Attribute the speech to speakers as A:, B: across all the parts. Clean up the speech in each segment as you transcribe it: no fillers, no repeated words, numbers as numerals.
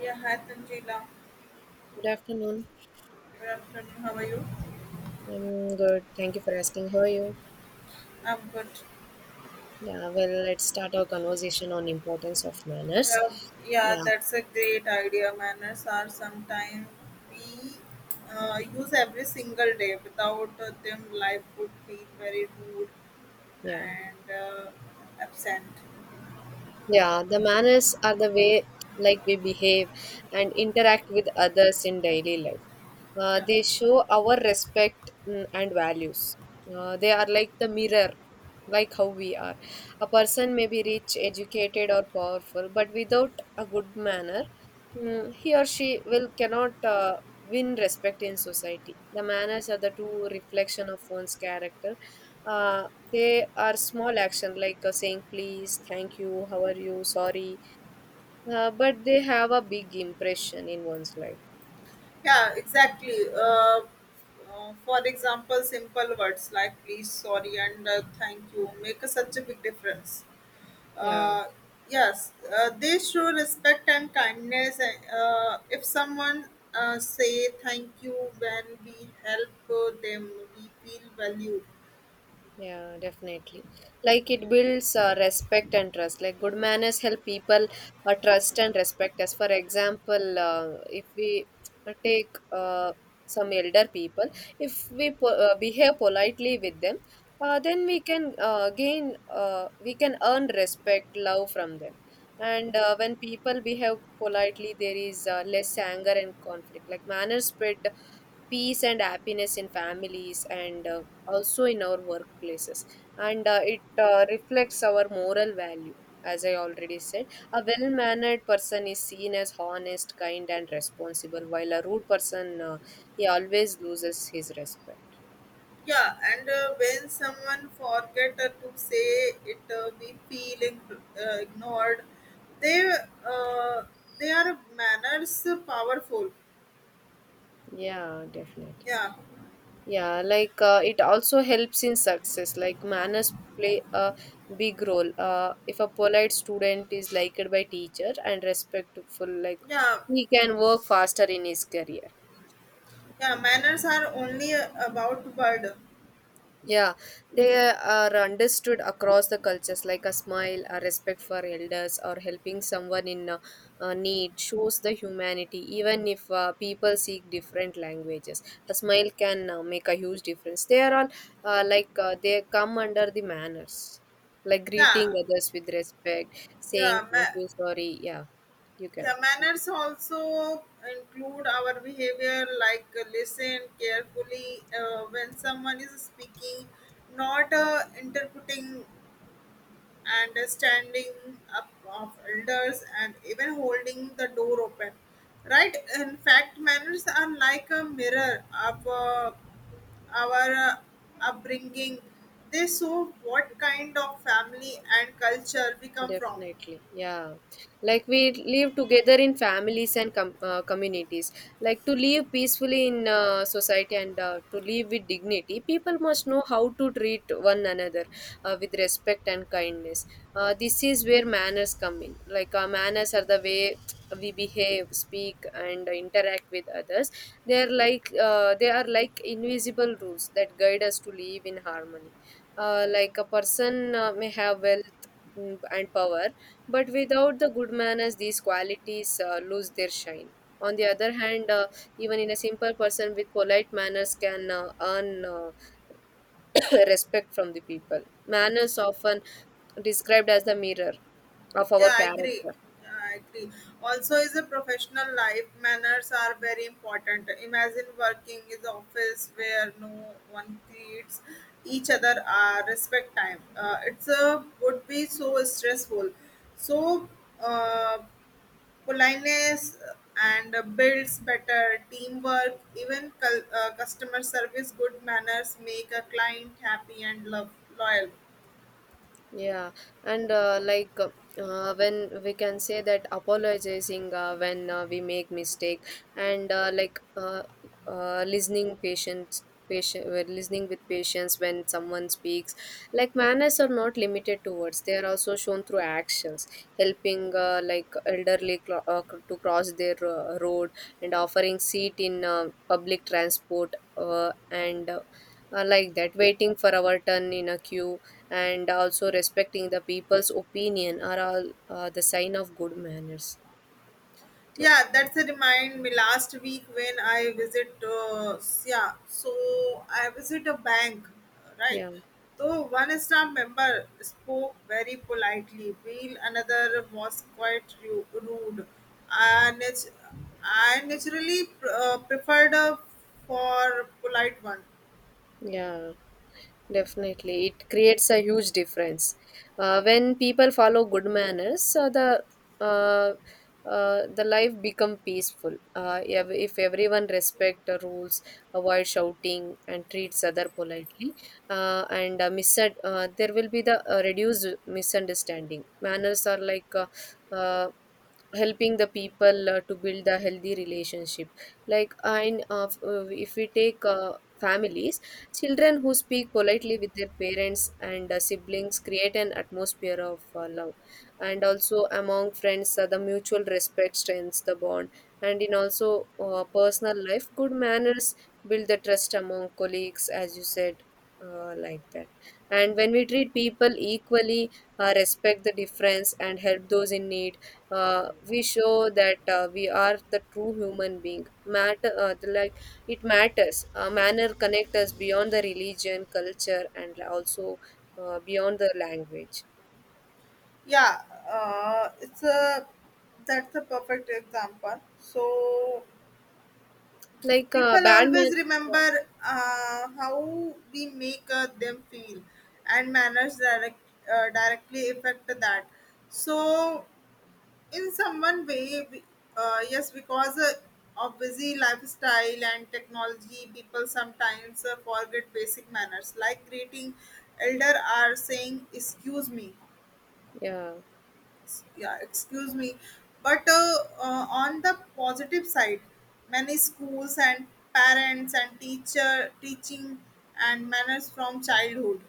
A: Yeah, hi Tanjila.
B: Good afternoon.
A: Good afternoon. How are you?
B: I'm good. Thank you for asking. How are you?
A: I'm good.
B: Yeah, well, let's start our conversation on importance of manners.
A: Yeah, yeah,
B: Yeah,
A: that's a great idea. Manners are sometimes we use every single day. Without them, life would feel very rude
B: yeah,
A: and absent.
B: yeah. The manners are the way like we behave and interact with others in daily life.
A: Yeah,
B: They show our respect and values. They are like the mirror, like how we are. A person may be rich, educated, or powerful, but without a good manner, he or she will cannot win respect in society. The manners are the true reflection of one's character. Uh, they are small action like saying please, thank you, how are you, sorry, but they have a big impression in one's life.
A: yeah, exactly. For example, simple words like please, sorry, and thank you make a, such a big difference.
B: Yeah.
A: uh, yes, they show respect and kindness. If someone say thank you when we help them, we feel valued.
B: Yeah, definitely. Like it builds respect and trust. Like good manners help people trust and respect us. For example, if we take some elder people, if we behave politely with them, then we can we can earn respect, love from them. And when people behave politely, there is less anger and conflict. Like manners spread peace and happiness in families and also in our workplaces, and it reflects our moral value, as I already said. A well mannered person is seen as honest, kind, and responsible, while a rude person, he always loses his respect.
A: Yeah, and when someone forget to say it, we feel ignored. They uh, they are manners powerful.
B: Yeah, definitely.
A: Yeah,
B: Yeah, like it also helps in success. Like manners play a big role. Uh, if a polite student is liked by teacher and respectful, like
A: yeah,
B: he can work faster in his career.
A: yeah. Manners are only about word.
B: Yeah, they are understood across the cultures, like a smile, a respect for elders, or helping someone in need shows the humanity, even if people speak different languages. A smile can make a huge difference. They are all, they come under the manners, like greeting
A: Yeah,
B: others with respect, saying
A: yeah.
B: thank
A: Ma-
B: you, sorry. Yeah, you
A: Yeah,
B: can.
A: manners also include our behavior like listen carefully when someone is speaking, not interpreting and standing up of elders and even holding the door open. Right? In fact, manners are like a mirror of our upbringing. They show what kind of family and culture we come from.
B: Definitely, yeah. Like we live together in families and communities. Like to live peacefully in society and to live with dignity, people must know how to treat one another with respect and kindness. This is where manners come in. Like, manners are the way we behave, speak, and interact with others. They are like invisible rules that guide us to live in harmony. Like a person may have wealth and power, but without the good manners, these qualities lose their shine. On the other hand, even in a simple person with polite manners can earn respect from the people. Manners often described as the mirror of our
A: Yeah, I agree.
B: character.
A: Yeah, I agree. Also, is a professional life manners are very important. Imagine working in the office where no one treats each other respect time. It's a would be so stressful. So uh, politeness and builds better teamwork. Even customer service, good manners make a client happy and love loyal.
B: Yeah, and when we can say that apologizing, when we make mistake, and listening patience patient, listening with patience when someone speaks. Like manners are not limited to words, they are also shown through actions: helping like elderly, to cross their road, and offering seat in public transport, and like that, waiting for our turn in a queue, and also respecting the people's opinion are all the sign of good manners.
A: Yeah, that's a remind me last week when I visit yeah, so I visit a bank, right?
B: Yeah,
A: So one staff member spoke very politely, while another was quite rude. I, nat- I naturally preferred a for polite one.
B: yeah, definitely. It creates a huge difference. Uh, when people follow good manners, uh, the life become peaceful. Uh, if everyone respect the rules, avoid shouting, and treats other politely, there will be the reduced misunderstanding. Manners are like uh, helping the people to build a healthy relationship, like. And if we take families, children who speak politely with their parents and siblings create an atmosphere of love. And also among friends, the mutual respect strengthens the bond. And in also personal life, good manners build the trust among colleagues, as you said, like that. And when we treat people equally, respect the difference, and help those in need, we show that we are the true human being matter, like it matters. Uh, manner connect us beyond the religion, culture, and also beyond the language.
A: Yeah, it's a that's a perfect example. So
B: Like,
A: people
B: bad man.
A: always
B: Yeah,
A: remember how we make them feel and manners directly affect that. So in someone way yes, because of busy lifestyle and technology people sometimes forget basic manners like greeting elder are saying excuse me.
B: yeah.
A: Yeah Excuse me. But on the positive side many schools and parents and teacher teaching and manners from childhood.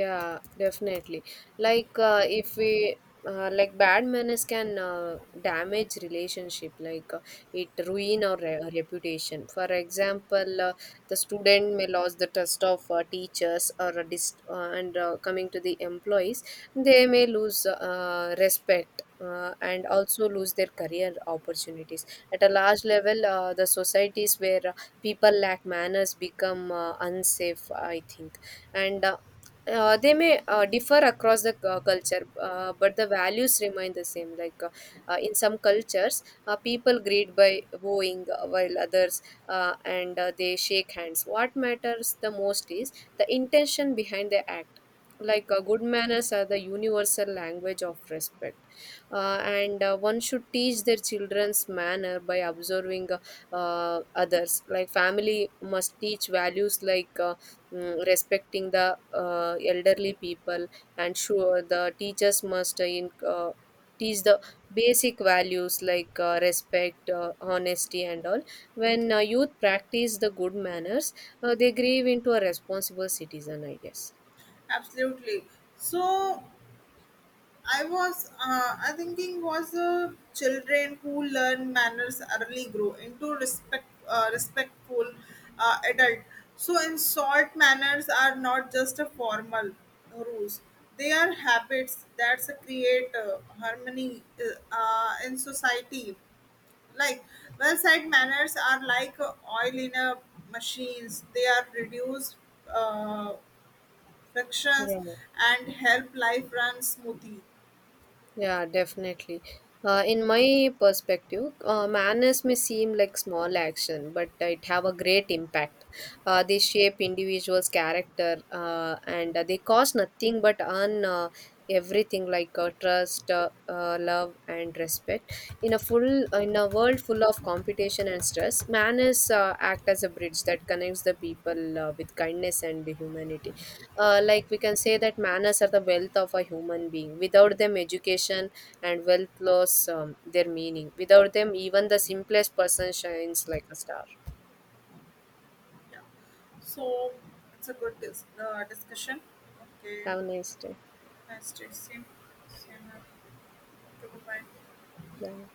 B: Yeah, definitely. Like, if we like bad manners can damage relationship, like, it ruin our re reputation. For example, the student may lose the trust of teachers, or a dis and coming to the employees, they may lose respect. And also lose their career opportunities at a large level. Uh, the societies where people lack manners become unsafe, I think. And they may differ across the culture, but the values remain the same. Like, in some cultures, people greet by bowing, while others, and they shake hands. What matters the most is the intention behind the act. Like, good manners are the universal language of respect, and one should teach their children's manner by observing others. Like family must teach values like. Respecting the elderly people, and sure the teachers must teach the basic values like respect, honesty, and all. When youth practice the good manners, they grieve into a responsible citizen, I guess.
A: Absolutely. So I was I thinking was children who learn manners early grow into respectful adult. So in short, manners are not just a formal rules; they are habits that create harmony in society. Like well said, manners are like oil in a machines. They are reduced uh, frictions
B: Yeah.
A: and help life run smoothly.
B: Yeah, definitely. In my perspective, manners may seem like small action, but it have a great impact. They shape individuals' character, and they cost nothing but earn everything, like trust, love, and respect. In a world full of competition and stress, manners act as a bridge that connects the people with kindness and humanity. Like we can say that manners are the wealth of a human being. Without them, education and wealth lose their meaning. Without them, even the simplest person shines like a star.
A: Yeah. So it's a good discussion. Okay.
B: Have a nice day.
A: Nice to see you. See you now. Okay, goodbye.
B: Bye.